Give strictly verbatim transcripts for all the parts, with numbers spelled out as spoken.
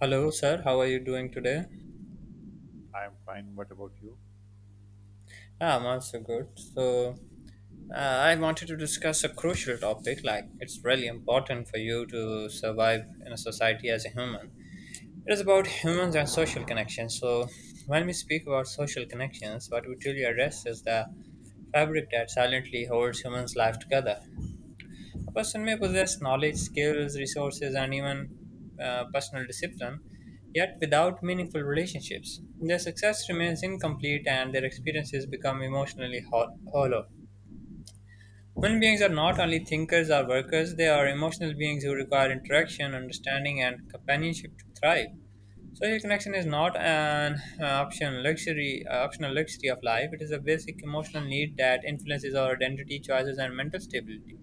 Hello, sir. How are you doing today? I am fine. What about you? Ah, I'm also good. So, uh, I wanted to discuss a crucial topic. Like, it's really important for you to survive in a society as a human. It is about humans and social connections. So, when we speak about social connections, what we truly address is the fabric that silently holds humans' life together. A person may possess knowledge, skills, resources, and even uh, personal discipline, yet without meaningful relationships. Their success remains incomplete and their experiences become emotionally ho- hollow. Human beings are not only thinkers or workers, they are emotional beings who require interaction, understanding, and companionship to thrive. Social connection is not an uh, option luxury, uh, optional luxury of life. It is a basic emotional need that influences our identity, choices, and mental stability.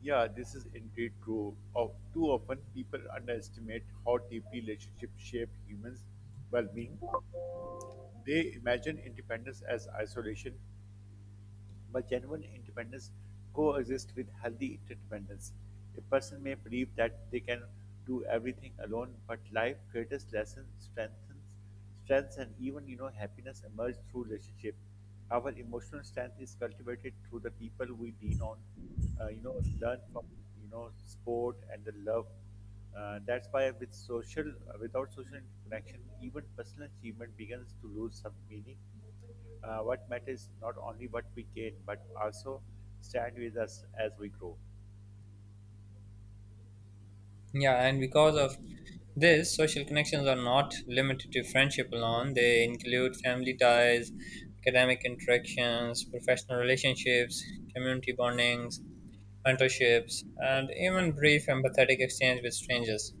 Yeah, this is indeed true. Of too often, people underestimate how deeply relationships shape humans' well-being. They imagine independence as isolation, but genuine independence coexists with healthy interdependence. A person may believe that they can do everything alone, but life greatest lessons, strengthens, strengths, and even you know happiness emerge through relationship. Our emotional strength is cultivated through the people we lean on. Uh, you know, learn from you know sport and the love. Uh, that's why with social, without social connection, even personal achievement begins to lose some meaning uh, What matters is not only what we gain but also stand with us as we grow. Yeah, and because of this, social connections are not limited to friendship alone. They include family ties, academic interactions, professional relationships, community bondings, mentorships, and even brief empathetic exchange with strangers.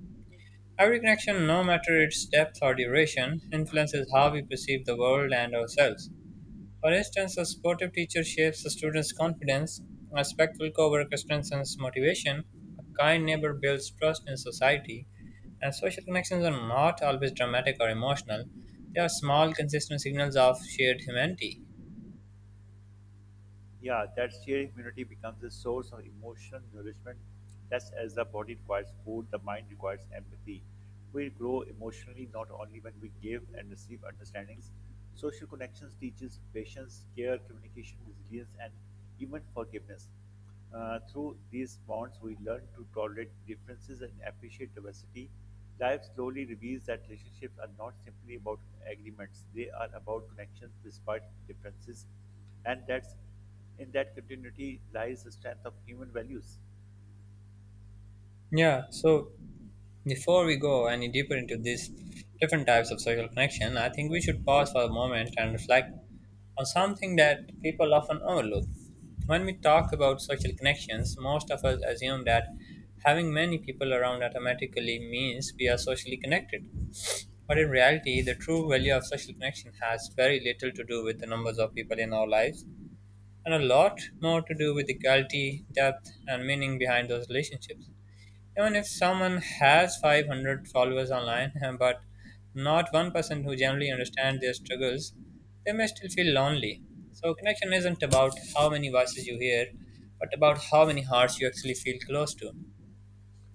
Every connection, no matter its depth or duration, influences how we perceive the world and ourselves. For instance, a supportive teacher shapes a student's confidence, a respectful coworker strengthens motivation, a kind neighbor builds trust in society. Uh, social connections are not always dramatic or emotional. They are small, consistent signals of shared humanity. Yeah, that shared immunity becomes a source of emotional nourishment. Just as the body requires food, the mind requires empathy. We grow emotionally not only when we give and receive understandings. Social connections teaches patience, care, communication, resilience, and even forgiveness. Uh, through these bonds, we learn to tolerate differences and appreciate diversity. Life slowly reveals that relationships are not simply about agreements; they are about connections despite differences, and that's in that continuity lies the strength of human values. Yeah, so before we go any deeper into these different types of social connection, I think we should pause for a moment and reflect on something that people often overlook. When we talk about social connections, most of us assume that having many people around automatically means we are socially connected. But in reality, the true value of social connection has very little to do with the numbers of people in our lives and a lot more to do with the quality, depth, and meaning behind those relationships. Even if someone has five hundred followers online, but not one person who generally understands their struggles, they may still feel lonely. So, connection isn't about how many voices you hear, but about how many hearts you actually feel close to.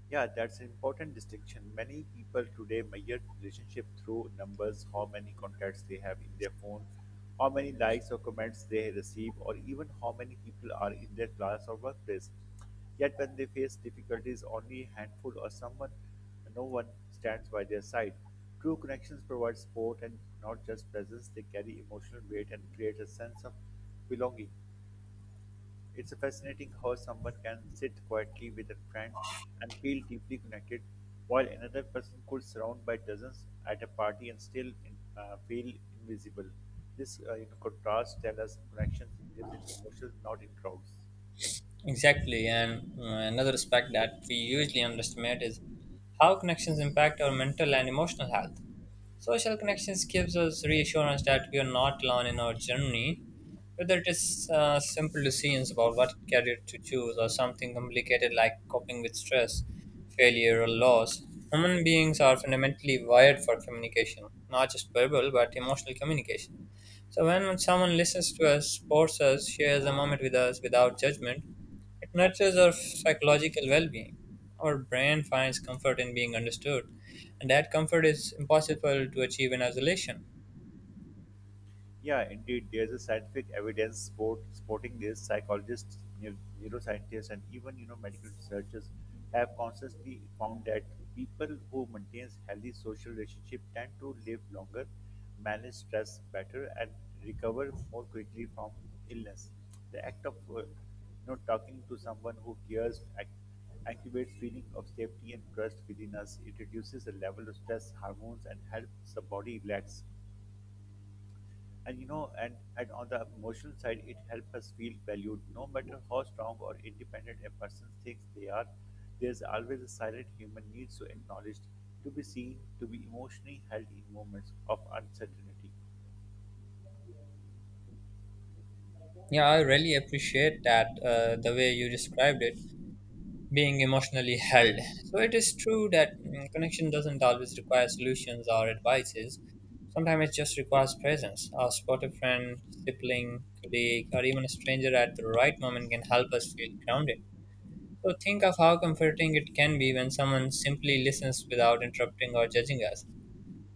Yeah, that's an important distinction. Many people today measure relationship through numbers, how many contacts they have in their phone, how many likes or comments they receive, or even how many people are in their class or workplace. Yet when they face difficulties, only a handful or someone, no one stands by their side. True connections provide support and not just presence, they carry emotional weight and create a sense of belonging. It's fascinating how someone can sit quietly with a friend and feel deeply connected, while another person could surround by dozens at a party and still in, uh, feel invisible. This uh, you know, contrast tells us connection lives in emotions, not in crowds. Exactly, and uh, another aspect that we usually underestimate is how connections impact our mental and emotional health. Social connections gives us reassurance that we are not alone in our journey, whether it is uh, simple decisions about what career to choose or something complicated like coping with stress, failure, or loss. Human beings are fundamentally wired for communication, not just verbal but emotional communication. So when someone listens to us, supports us, shares a moment with us without judgment, it nurtures our psychological well being. Our brain finds comfort in being understood, and that comfort is impossible to achieve in isolation. Yeah, indeed, there's a scientific evidence support, supporting this. Psychologists, neu- neuroscientists, and even you know medical researchers have constantly found that people who maintain healthy social relationship tend to live longer, manage stress better, and recover more quickly from illness. The act of uh, you know talking to someone who cares act- activates feeling of safety and trust within us. It reduces the level of stress hormones and helps the body relax and you know and, and on the emotional side it helps us feel valued no matter how strong or independent a person thinks they are there's always a silent human need to acknowledge, to be seen, to be emotionally held in moments of uncertainty. Yeah, I really appreciate that uh, the way you described it being emotionally held. So, it is true that mm, connection doesn't always require solutions or advices. Sometimes it just requires presence. Our supportive friend, sibling, colleague, or even a stranger at the right moment can help us feel grounded. So think of how comforting it can be when someone simply listens without interrupting or judging us.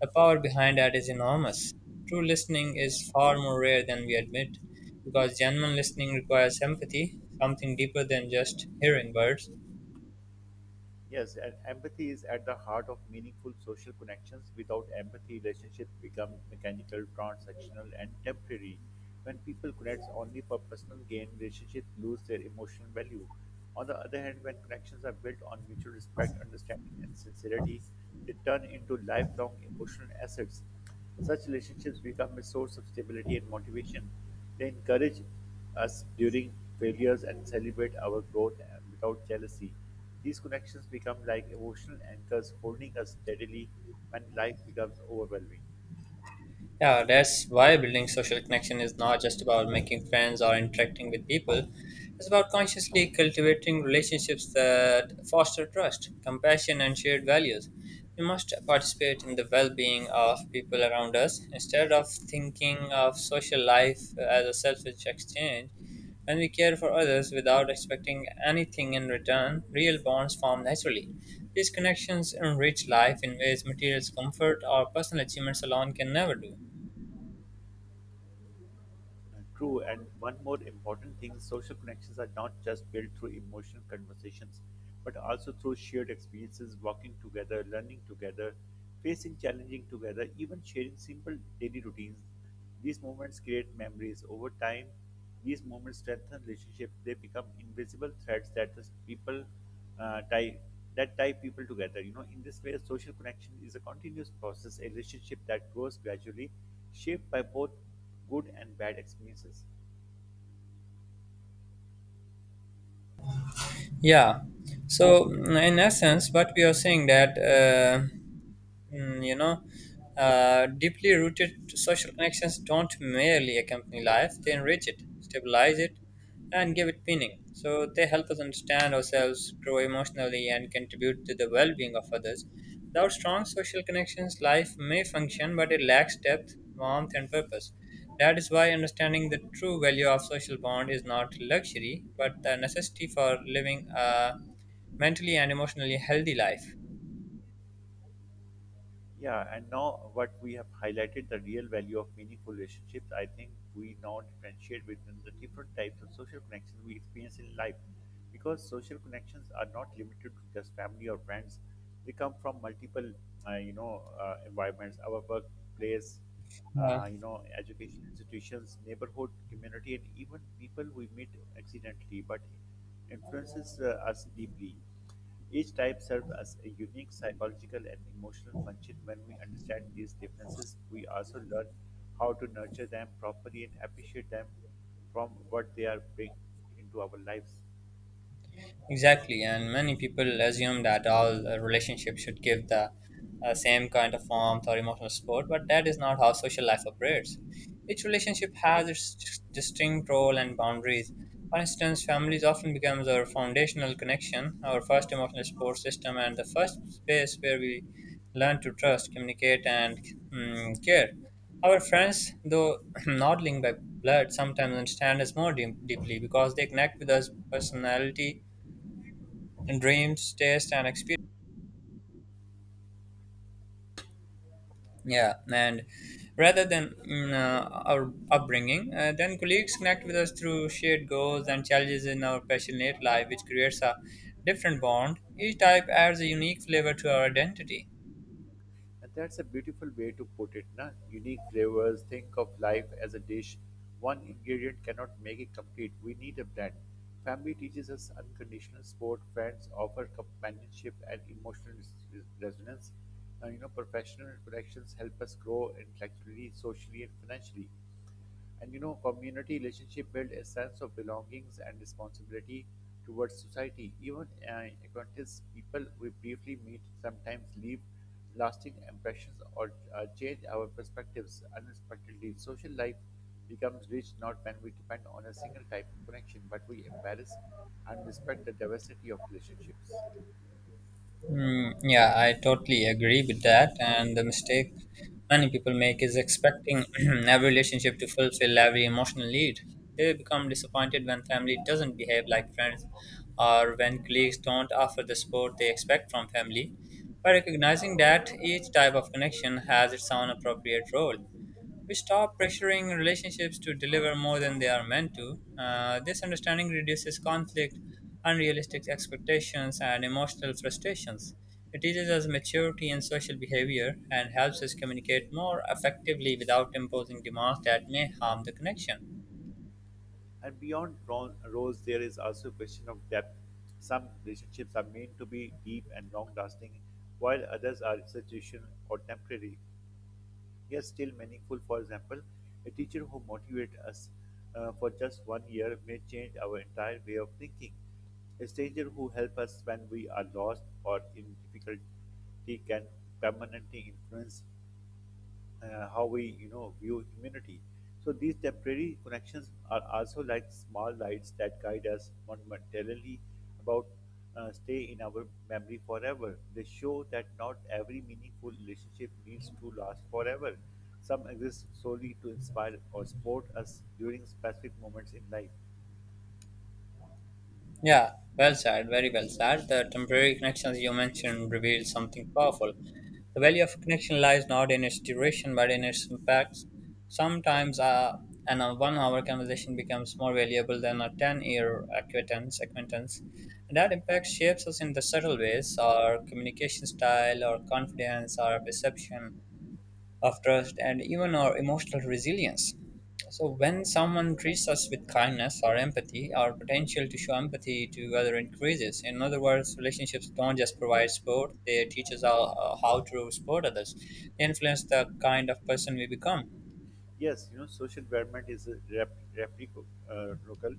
The power behind that is enormous. True listening is far more rare than we admit, because genuine listening requires empathy, something deeper than just hearing words. Yes, and empathy is at the heart of meaningful social connections. Without empathy, relationships become mechanical, transactional, and temporary. When people connect only for personal gain, relationships lose their emotional value. On the other hand, when connections are built on mutual respect, understanding, and sincerity, they turn into lifelong emotional assets. Such relationships become a source of stability and motivation. They encourage us during failures and celebrate our growth uh, without jealousy. These connections become like emotional anchors holding us steadily when life becomes overwhelming. Yeah, that's why building social connection is not just about making friends or interacting with people. It's about consciously cultivating relationships that foster trust, compassion, and shared values. We must participate in the well being of people around us instead of thinking of social life as a selfish exchange. When we care for others without expecting anything in return, real bonds form naturally. These connections enrich life in ways material comfort or personal achievements alone can never do. uh, True, and one more important thing. Social connections are not just built through emotional conversations, but also through shared experiences, walking together, learning together, facing challenging together, even sharing simple daily routines. These moments create memories over time. These moments strengthen relationships. They become invisible threads that the people uh, tie that tie people together. You know, in this way, social connection is a continuous process, a relationship that grows gradually, shaped by both good and bad experiences. Yeah. So, mm, in essence, what we are saying that uh, Mm, you know, uh, deeply rooted social connections don't merely accompany life, they enrich it, stabilize it, and give it meaning. So they help us understand ourselves, grow emotionally, and contribute to the well being of others. Without strong social connections, life may function, but it lacks depth, warmth, and purpose. That is why understanding the true value of social bond is not luxury, but the necessity for living a mentally and emotionally healthy life. Yeah, and now what we have highlighted the real value of meaningful relationships, I think we now differentiate between the different types of social connections we experience in life. Because social connections are not limited to just family or friends, they come from multiple, uh, you know, uh, environments, our workplace, Yeah. uh, you know, education institutions, neighborhood, community, and even people we meet accidentally, but influences uh, us deeply. Each type serves as a unique psychological and emotional function. When we understand these differences, we also learn how to nurture them properly and appreciate them from what they are bring into our lives. Exactly, and many people assume that all uh, relationships should give the uh, same kind of warmth or emotional support, but that is not how social life operates. Each relationship has its dis- distinct role and boundaries. For instance, families often becomes our foundational connection, our first emotional support system, and the first space where we learn to trust, communicate, and mm, care. Our friends, though not linked by blood, sometimes understand us more deep- deeply because they connect with us personality dreams, taste, and experience. Yeah, and rather than mm, uh, our upbringing, uh, then colleagues connect with us through shared goals and challenges in our passionate life, which creates a different bond. Each type adds a unique flavor to our identity. And that's a beautiful way to put it, na? Unique flavors. Think of life as a dish. One ingredient cannot make it complete. We need a blend. Family teaches us unconditional support. Friends offer companionship and emotional res- resonance. Uh, you know, professional connections help us grow intellectually, socially, and financially. And you know, community relationship build a sense of belongings and responsibility towards society. Even uh, acquaintance people we briefly meet sometimes leave lasting impressions or uh, change our perspectives unexpectedly. Social life becomes rich not when we depend on a single type of connection, but we embrace and respect the diversity of relationships. Mm, yeah, I totally agree with that. And the mistake many people make is expecting every relationship to fulfill every emotional need. They become disappointed when family doesn't behave like friends or when colleagues don't offer the support they expect from family. By recognizing that each type of connection has its own appropriate role, we stop pressuring relationships to deliver more than they are meant to. Uh, this understanding reduces conflict, unrealistic expectations, and emotional frustrations. It teaches us maturity in social behavior and helps us communicate more effectively without imposing demands that may harm the connection. And beyond ro- roles, there is also a question of depth. Some relationships are meant to be deep and long lasting, while others are institutional or temporary, yet still meaningful. For example, a teacher who motivates us uh, for just one year may change our entire way of thinking. A stranger who helps us when we are lost or in difficulty can permanently influence uh, how we you know view humanity. So these temporary connections are also like small lights that guide us momentarily, about uh, stay in our memory forever. They show that not every meaningful relationship needs to last forever. Some exist solely to inspire or support us during specific moments in life. Yeah, well said, very well said. The temporary connections you mentioned reveal something powerful. The value of a connection lies not in its duration but in its impacts. Sometimes uh, an a one hour conversation becomes more valuable than a ten year acquaintance. acquaintance. And that impact shapes us in the subtle ways our communication style, our confidence, our perception of trust, and even our emotional resilience. So, when someone treats us with kindness or empathy, our potential to show empathy to other increases. In other words, relationships don't just provide support; they teach us how, uh, how to support others. They influence the kind of person we become. Yes, you know, social development is a rep, replico, uh, local.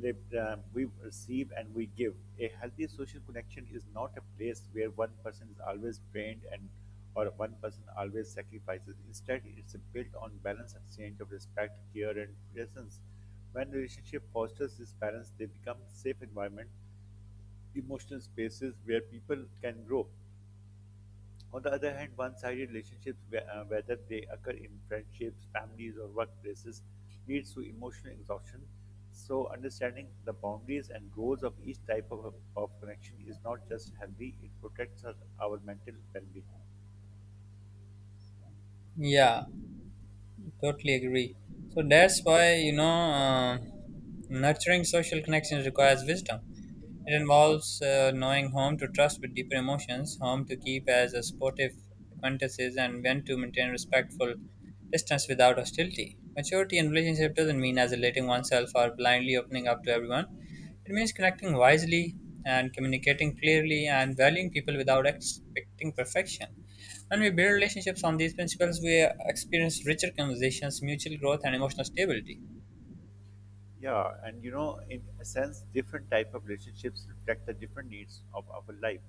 Lep- uh, we receive and we give. A healthy social connection is not a place where one person is always drained and or one person always sacrifices. Instead, it's built on balanced exchange of respect, care, and presence. When relationship fosters this balance, they become safe environment, emotional spaces where people can grow. On the other hand, one-sided relationships, whe- uh, whether they occur in friendships, families, or workplaces, leads to emotional exhaustion. So, understanding the boundaries and goals of each type of, of connection is not just healthy; it protects us, our mental well-being. Yeah, totally agree. So that's why you know uh, nurturing social connections requires wisdom. It involves uh, knowing whom to trust with deeper emotions, whom to keep as a sportive acquaintances, and when to maintain respectful distance without hostility. Maturity in relationship doesn't mean isolating oneself or blindly opening up to everyone. It means connecting wisely and communicating clearly and valuing people without expecting perfection. When we build relationships on these principles, we experience richer conversations, mutual growth, and emotional stability. Yeah, and you know, in a sense, different type of relationships reflect the different needs of our life.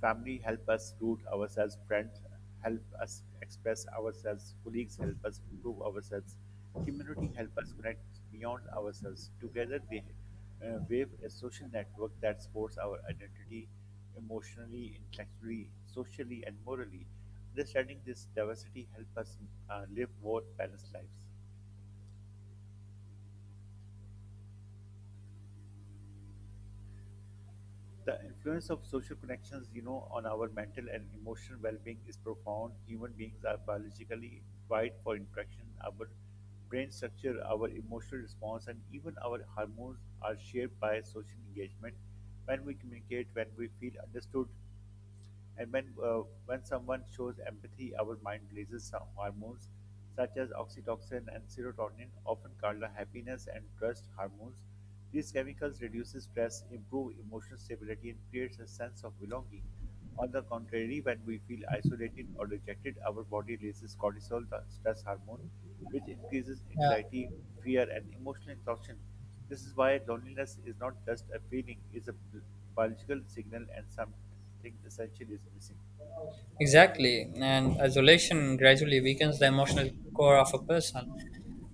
Family help us root ourselves, friends help us express ourselves, colleagues help us improve ourselves, community help us connect beyond ourselves. Together, they uh, wave a social network that supports our identity emotionally, intellectually, socially, and morally. Understanding this diversity help us uh, live more balanced lives. The influence of social connections, you know, on our mental and emotional well-being is profound. Human beings are biologically wired for interaction. Our brain structure, our emotional response, and even our hormones are shaped by social engagement. When we communicate, when we feel understood, and when uh, when someone shows empathy, our mind releases some hormones such as oxytocin and serotonin, often called the happiness and trust hormones. These chemicals reduce stress, improve emotional stability, and creates a sense of belonging. On the contrary, when we feel isolated or rejected, our body releases cortisol, the stress hormone, which increases anxiety, fear, and emotional exhaustion. This is why loneliness is not just a feeling, it's a biological signal, and something essential is missing. Exactly, and isolation gradually weakens the emotional core of a person.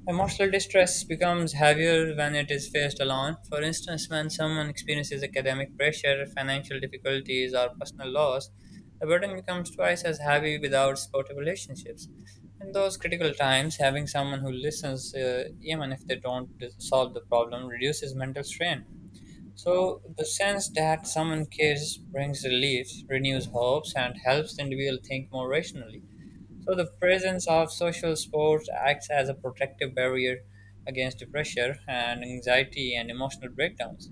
Emotional distress becomes heavier when it is faced alone. For instance, when someone experiences academic pressure, financial difficulties, or personal loss, the burden becomes twice as heavy without supportive relationships. In those critical times, having someone who listens, uh, even if they don't dis- solve the problem, reduces mental strain. So the sense that someone cares brings relief, renews hopes, and helps the individual think more rationally. So the presence of social support acts as a protective barrier against depression and anxiety and emotional breakdowns.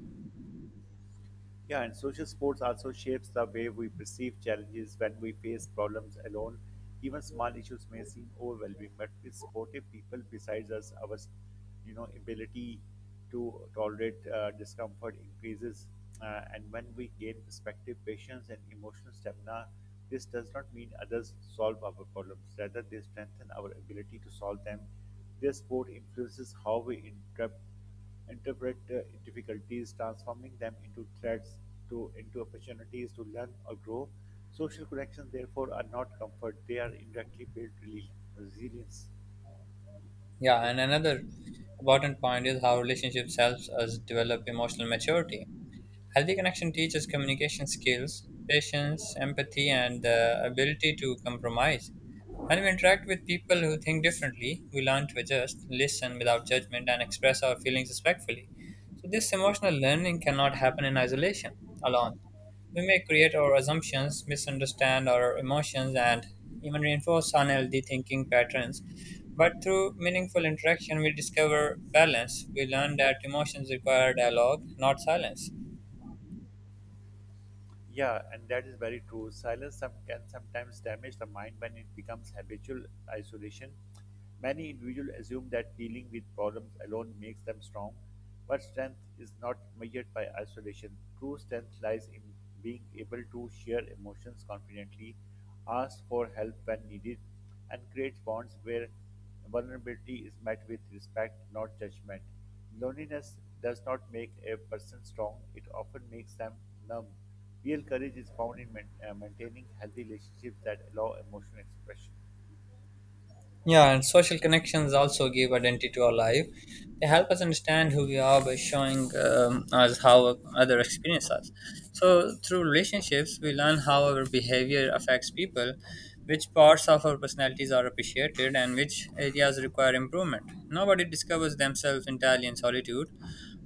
Yeah, and social sports also shapes the way we perceive challenges when we face problems alone. Even small issues may seem overwhelming, but with supportive people besides us, our you know ability to tolerate uh, discomfort increases. Uh, and when we gain perspective, patience, and emotional stamina, this does not mean others solve our problems. Rather, they strengthen our ability to solve them. Their sport influences how we interpret interpret uh, difficulties, transforming them into threats, to into opportunities to learn or grow. Social connections, therefore, are not comfort; they are indirectly built resilience. Yeah, and another important point is how relationships helps us develop emotional maturity. Healthy connection teaches communication skills, patience, empathy, and the ability to compromise. When we interact with people who think differently, we learn to adjust, listen without judgment, and express our feelings respectfully. So, this emotional learning cannot happen in isolation alone. We may create our assumptions, misunderstand our emotions, and even reinforce unhealthy thinking patterns. But through meaningful interaction, we discover balance. We learn that emotions require dialogue, not silence. Yeah, and that is very true. Silence some, can sometimes damage the mind when it becomes habitual isolation. Many individuals assume that dealing with problems alone makes them strong, but strength is not measured by isolation. True strength lies in being able to share emotions confidently, ask for help when needed, and create bonds where vulnerability is met with respect, not judgment. Loneliness does not make a person strong, it often makes them numb. Real courage is found in main- uh, maintaining healthy relationships that allow emotional expression. Yeah, and social connections also give identity to our life. They help us understand who we are by showing um, us how other experience us. So, through relationships, we learn how our behavior affects people, which parts of our personalities are appreciated, and which areas require improvement. Nobody discovers themselves entirely in solitude.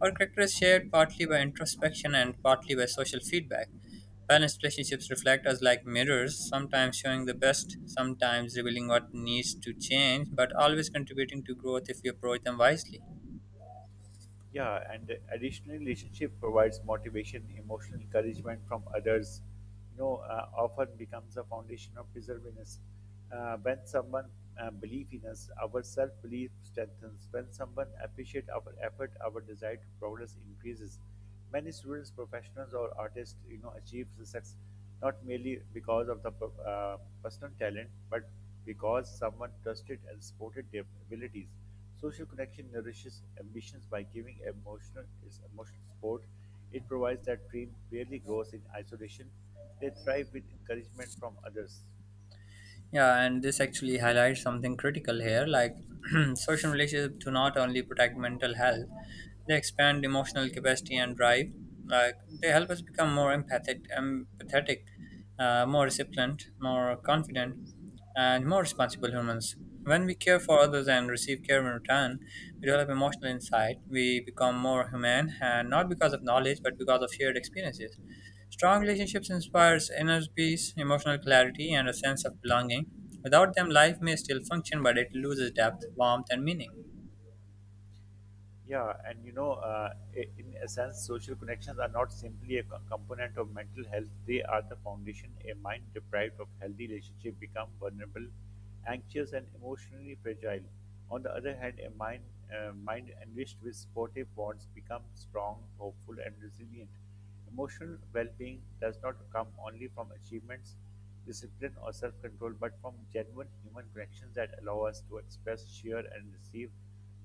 Our character is shared partly by introspection and partly by social feedback. Balanced relationships reflect us like mirrors, sometimes showing the best, sometimes revealing what needs to change, but always contributing to growth if we approach them wisely. Yeah, and additional relationship provides motivation, emotional encouragement from others. You know, uh, often becomes a foundation of perseverance. Uh, when someone uh, believes in us, our self-belief strengthens. When someone appreciates our effort, our desire to progress increases. Many students, professionals, or artists, you know, achieve success not merely because of the uh, personal talent, but because someone trusted and supported their abilities. Social connection nourishes ambitions by giving emotional its emotional support. It provides that dream barely grows in isolation. They thrive with encouragement from others. Yeah, and this actually highlights something critical here. Like, social relationships do not only protect mental health, they expand emotional capacity and drive. Like, they help us become more empathic, empathetic, uh, more disciplined, more confident, and more responsible humans. When we care for others and receive care in return, we develop emotional insight. We become more human, and not because of knowledge, but because of shared experiences. Strong relationships inspires inner peace, emotional clarity, and a sense of belonging. Without them, life may still function, but it loses depth, warmth, and meaning. Yeah, and you know, uh, i- in essence, social connections are not simply a co- component of mental health; they are the foundation. A mind deprived of healthy relationship become vulnerable, anxious, and emotionally fragile. On the other hand, a mind uh, mind enriched with supportive bonds becomes strong, hopeful, and resilient. Emotional well being does not come only from achievements, discipline, or self control, but from genuine human connections that allow us to express, share, and receive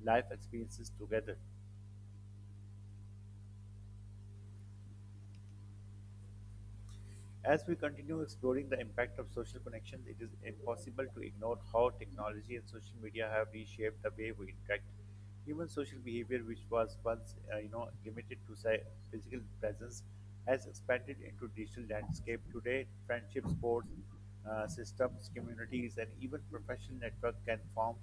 life experiences together. As we continue exploring the impact of social connections, it is impossible to ignore how technology and social media have reshaped the way we interact. Human social behavior, which was once uh, you know limited to say, physical presence, has expanded into digital landscape. Today, friendship, sports, uh, systems, communities, and even professional network can form,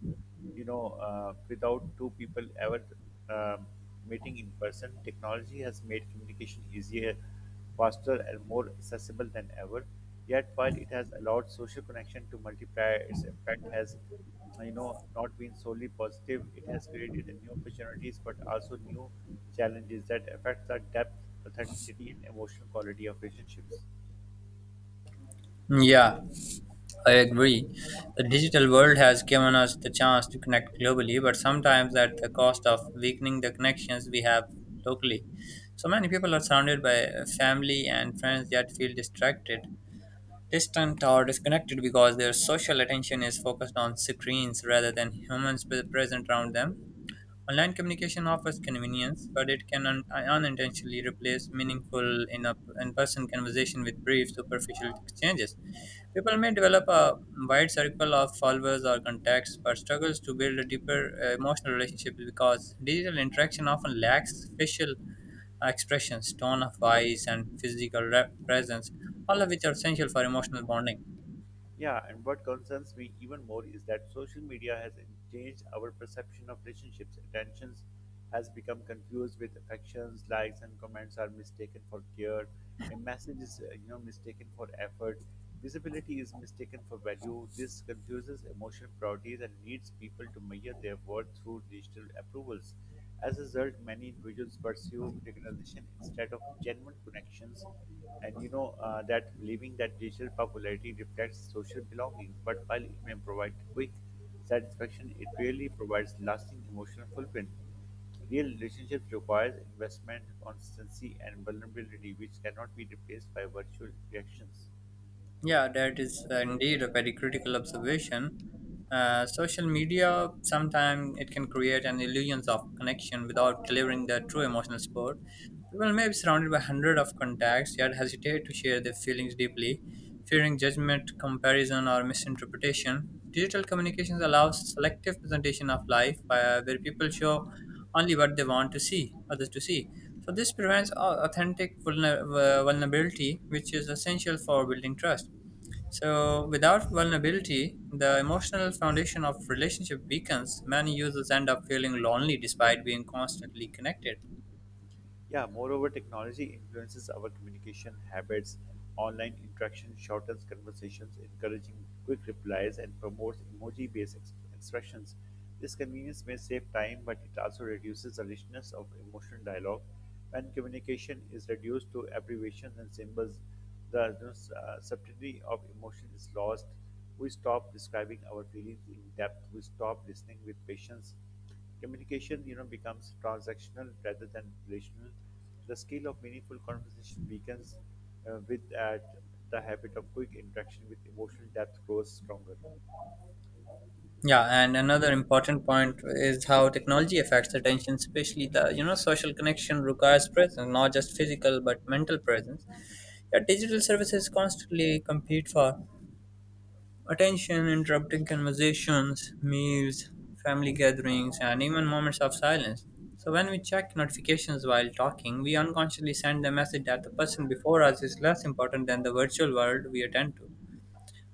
you know, uh, without two people ever um, meeting in person. Technology has made communication easier, faster and more accessible than ever. Yet, while it has allowed social connection to multiply, its impact has, you know, not been solely positive. It has created new opportunities, but also new challenges that affect the depth, authenticity, and emotional quality of relationships. Yeah, I agree. The digital world has given us the chance to connect globally, but sometimes at the cost of weakening the connections we have locally. So many people are surrounded by family and friends yet feel distracted, distant, or disconnected because their social attention is focused on screens rather than humans pre- present around them. Online communication offers convenience, but it can un- unintentionally replace meaningful in a in person conversation with brief, superficial exchanges. People may develop a wide circle of followers or contacts, but struggles to build a deeper uh, emotional relationship because digital interaction often lacks facial expressions, tone of voice, and physical re- presence, all of which are essential for emotional bonding. Yeah, and what concerns me even more is that social media has changed our perception of relationships. Attentions has become confused with affections, likes, and comments are mistaken for care. A message is, uh, you know, mistaken for effort. Visibility is mistaken for value. This confuses emotional priorities and leads people to measure their worth through digital approvals. As a result, many individuals pursue recognition instead of genuine connections, and you know uh, that believing that digital popularity reflects social belonging, but while it may provide quick satisfaction, it rarely provides lasting emotional fulfillment. Real relationships requires investment, consistency, and vulnerability, which cannot be replaced by virtual reactions. Yeah, that is uh, indeed a very critical observation. Uh, social media sometimes it can create an illusion of connection without delivering the true emotional support. People may be surrounded by hundreds of contacts yet hesitate to share their feelings deeply, fearing judgment, comparison, or misinterpretation. Digital communications allows selective presentation of life, uh, where people show only what they want to see others to see. So this prevents au- authentic vulner- uh, vulnerability, which is essential for building trust. So without vulnerability, the emotional foundation of relationship weakens. Many users end up feeling lonely despite being constantly connected. Yeah, moreover, technology influences our communication habits. Online interaction shortens conversations, encouraging quick replies, and promotes emoji based ex- expressions. This convenience may save time, but it also reduces the richness of emotional dialogue. When communication is reduced to abbreviations and symbols, the uh, subtlety of emotion is lost. We stop describing our feelings in depth, we stop listening with patience. Communication, you know, becomes transactional rather than relational. The skill of meaningful conversation weakens, uh, with that the habit of quick interaction with emotional depth grows stronger. Yeah, and another important point is how technology affects attention, especially the you know social connection requires presence, not just physical but mental presence. Yeah, digital services constantly compete for attention interrupting conversations, meals, family gatherings, and even moments of silence. So, when we check notifications while talking, we unconsciously send the message that the person before us is less important than the virtual world we attend to.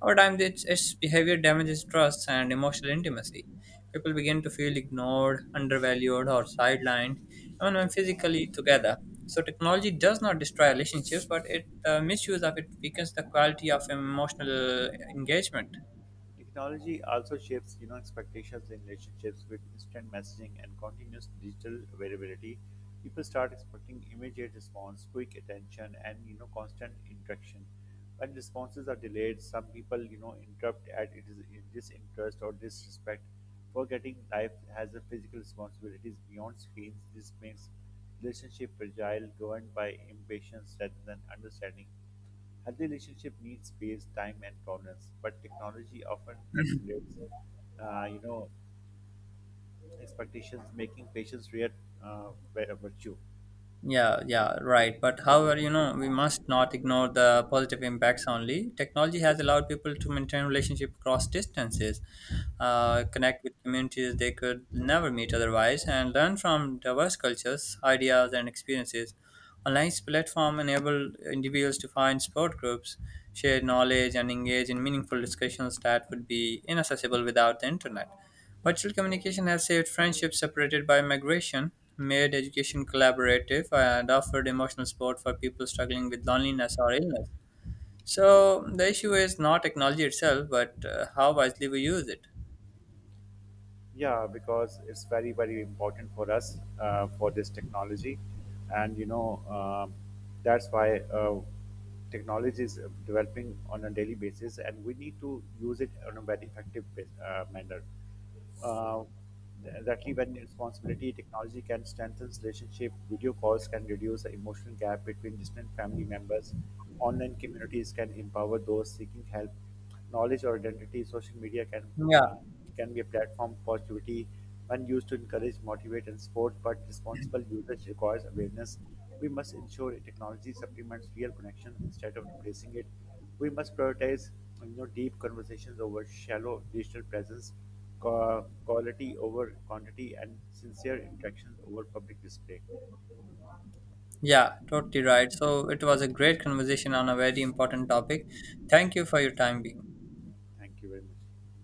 Over time, its, its behavior damages trust and emotional intimacy. People begin to feel ignored, undervalued, or sidelined, even when physically together. So, technology does not destroy relationships, but it uh, misuse of it weakens the quality of emotional engagement. Technology also shapes, you know, expectations in relationships with instant messaging and continuous digital availability. People start expecting immediate response, quick attention, and you know, constant interaction. When responses are delayed, some people, you know, interrupt at it is in disinterest or disrespect, forgetting life has a physical responsibilities beyond screens. This makes relationship fragile, governed by impatience rather than understanding. Healthy relationship needs space, time, and tolerance, but technology often accelerates, uh, you know, expectations, making patience rare uh, vi- virtue. Yeah, yeah, right. But however, you know, we must not ignore the positive impacts only. Technology has allowed people to maintain relationship across distances, uh, connect with communities they could never meet otherwise, and learn from diverse cultures, ideas, and experiences. Online platform enable individuals to find support groups, share knowledge, and engage in meaningful discussions that would be inaccessible without the internet. Virtual communication has saved friendships separated by migration, made education collaborative, and offered emotional support for people struggling with loneliness or illness. So the issue is not technology itself, but uh, how wisely we use it. Yeah, because it's very, very important for us, uh, for this technology, and you know um, that's why uh, technology is developing on a daily basis, and we need to use it on a very effective bas- uh, manner. Uh, exactly, when responsibility technology can strengthen relationship, video calls can reduce the emotional gap between distant family members. Online communities can empower those seeking help, knowledge or identity. Social media can Yeah, uh, can be a platform for positivity when used to encourage, motivate, and support. But responsible usage requires awareness. We must ensure technology supplements real connection instead of replacing it. We must prioritize you know deep conversations over shallow digital presence, qua- quality over quantity, and sincere interactions over public display. yeah, totally right. So it was a great conversation on a very important topic. Thank you for your time being. Thank you very much.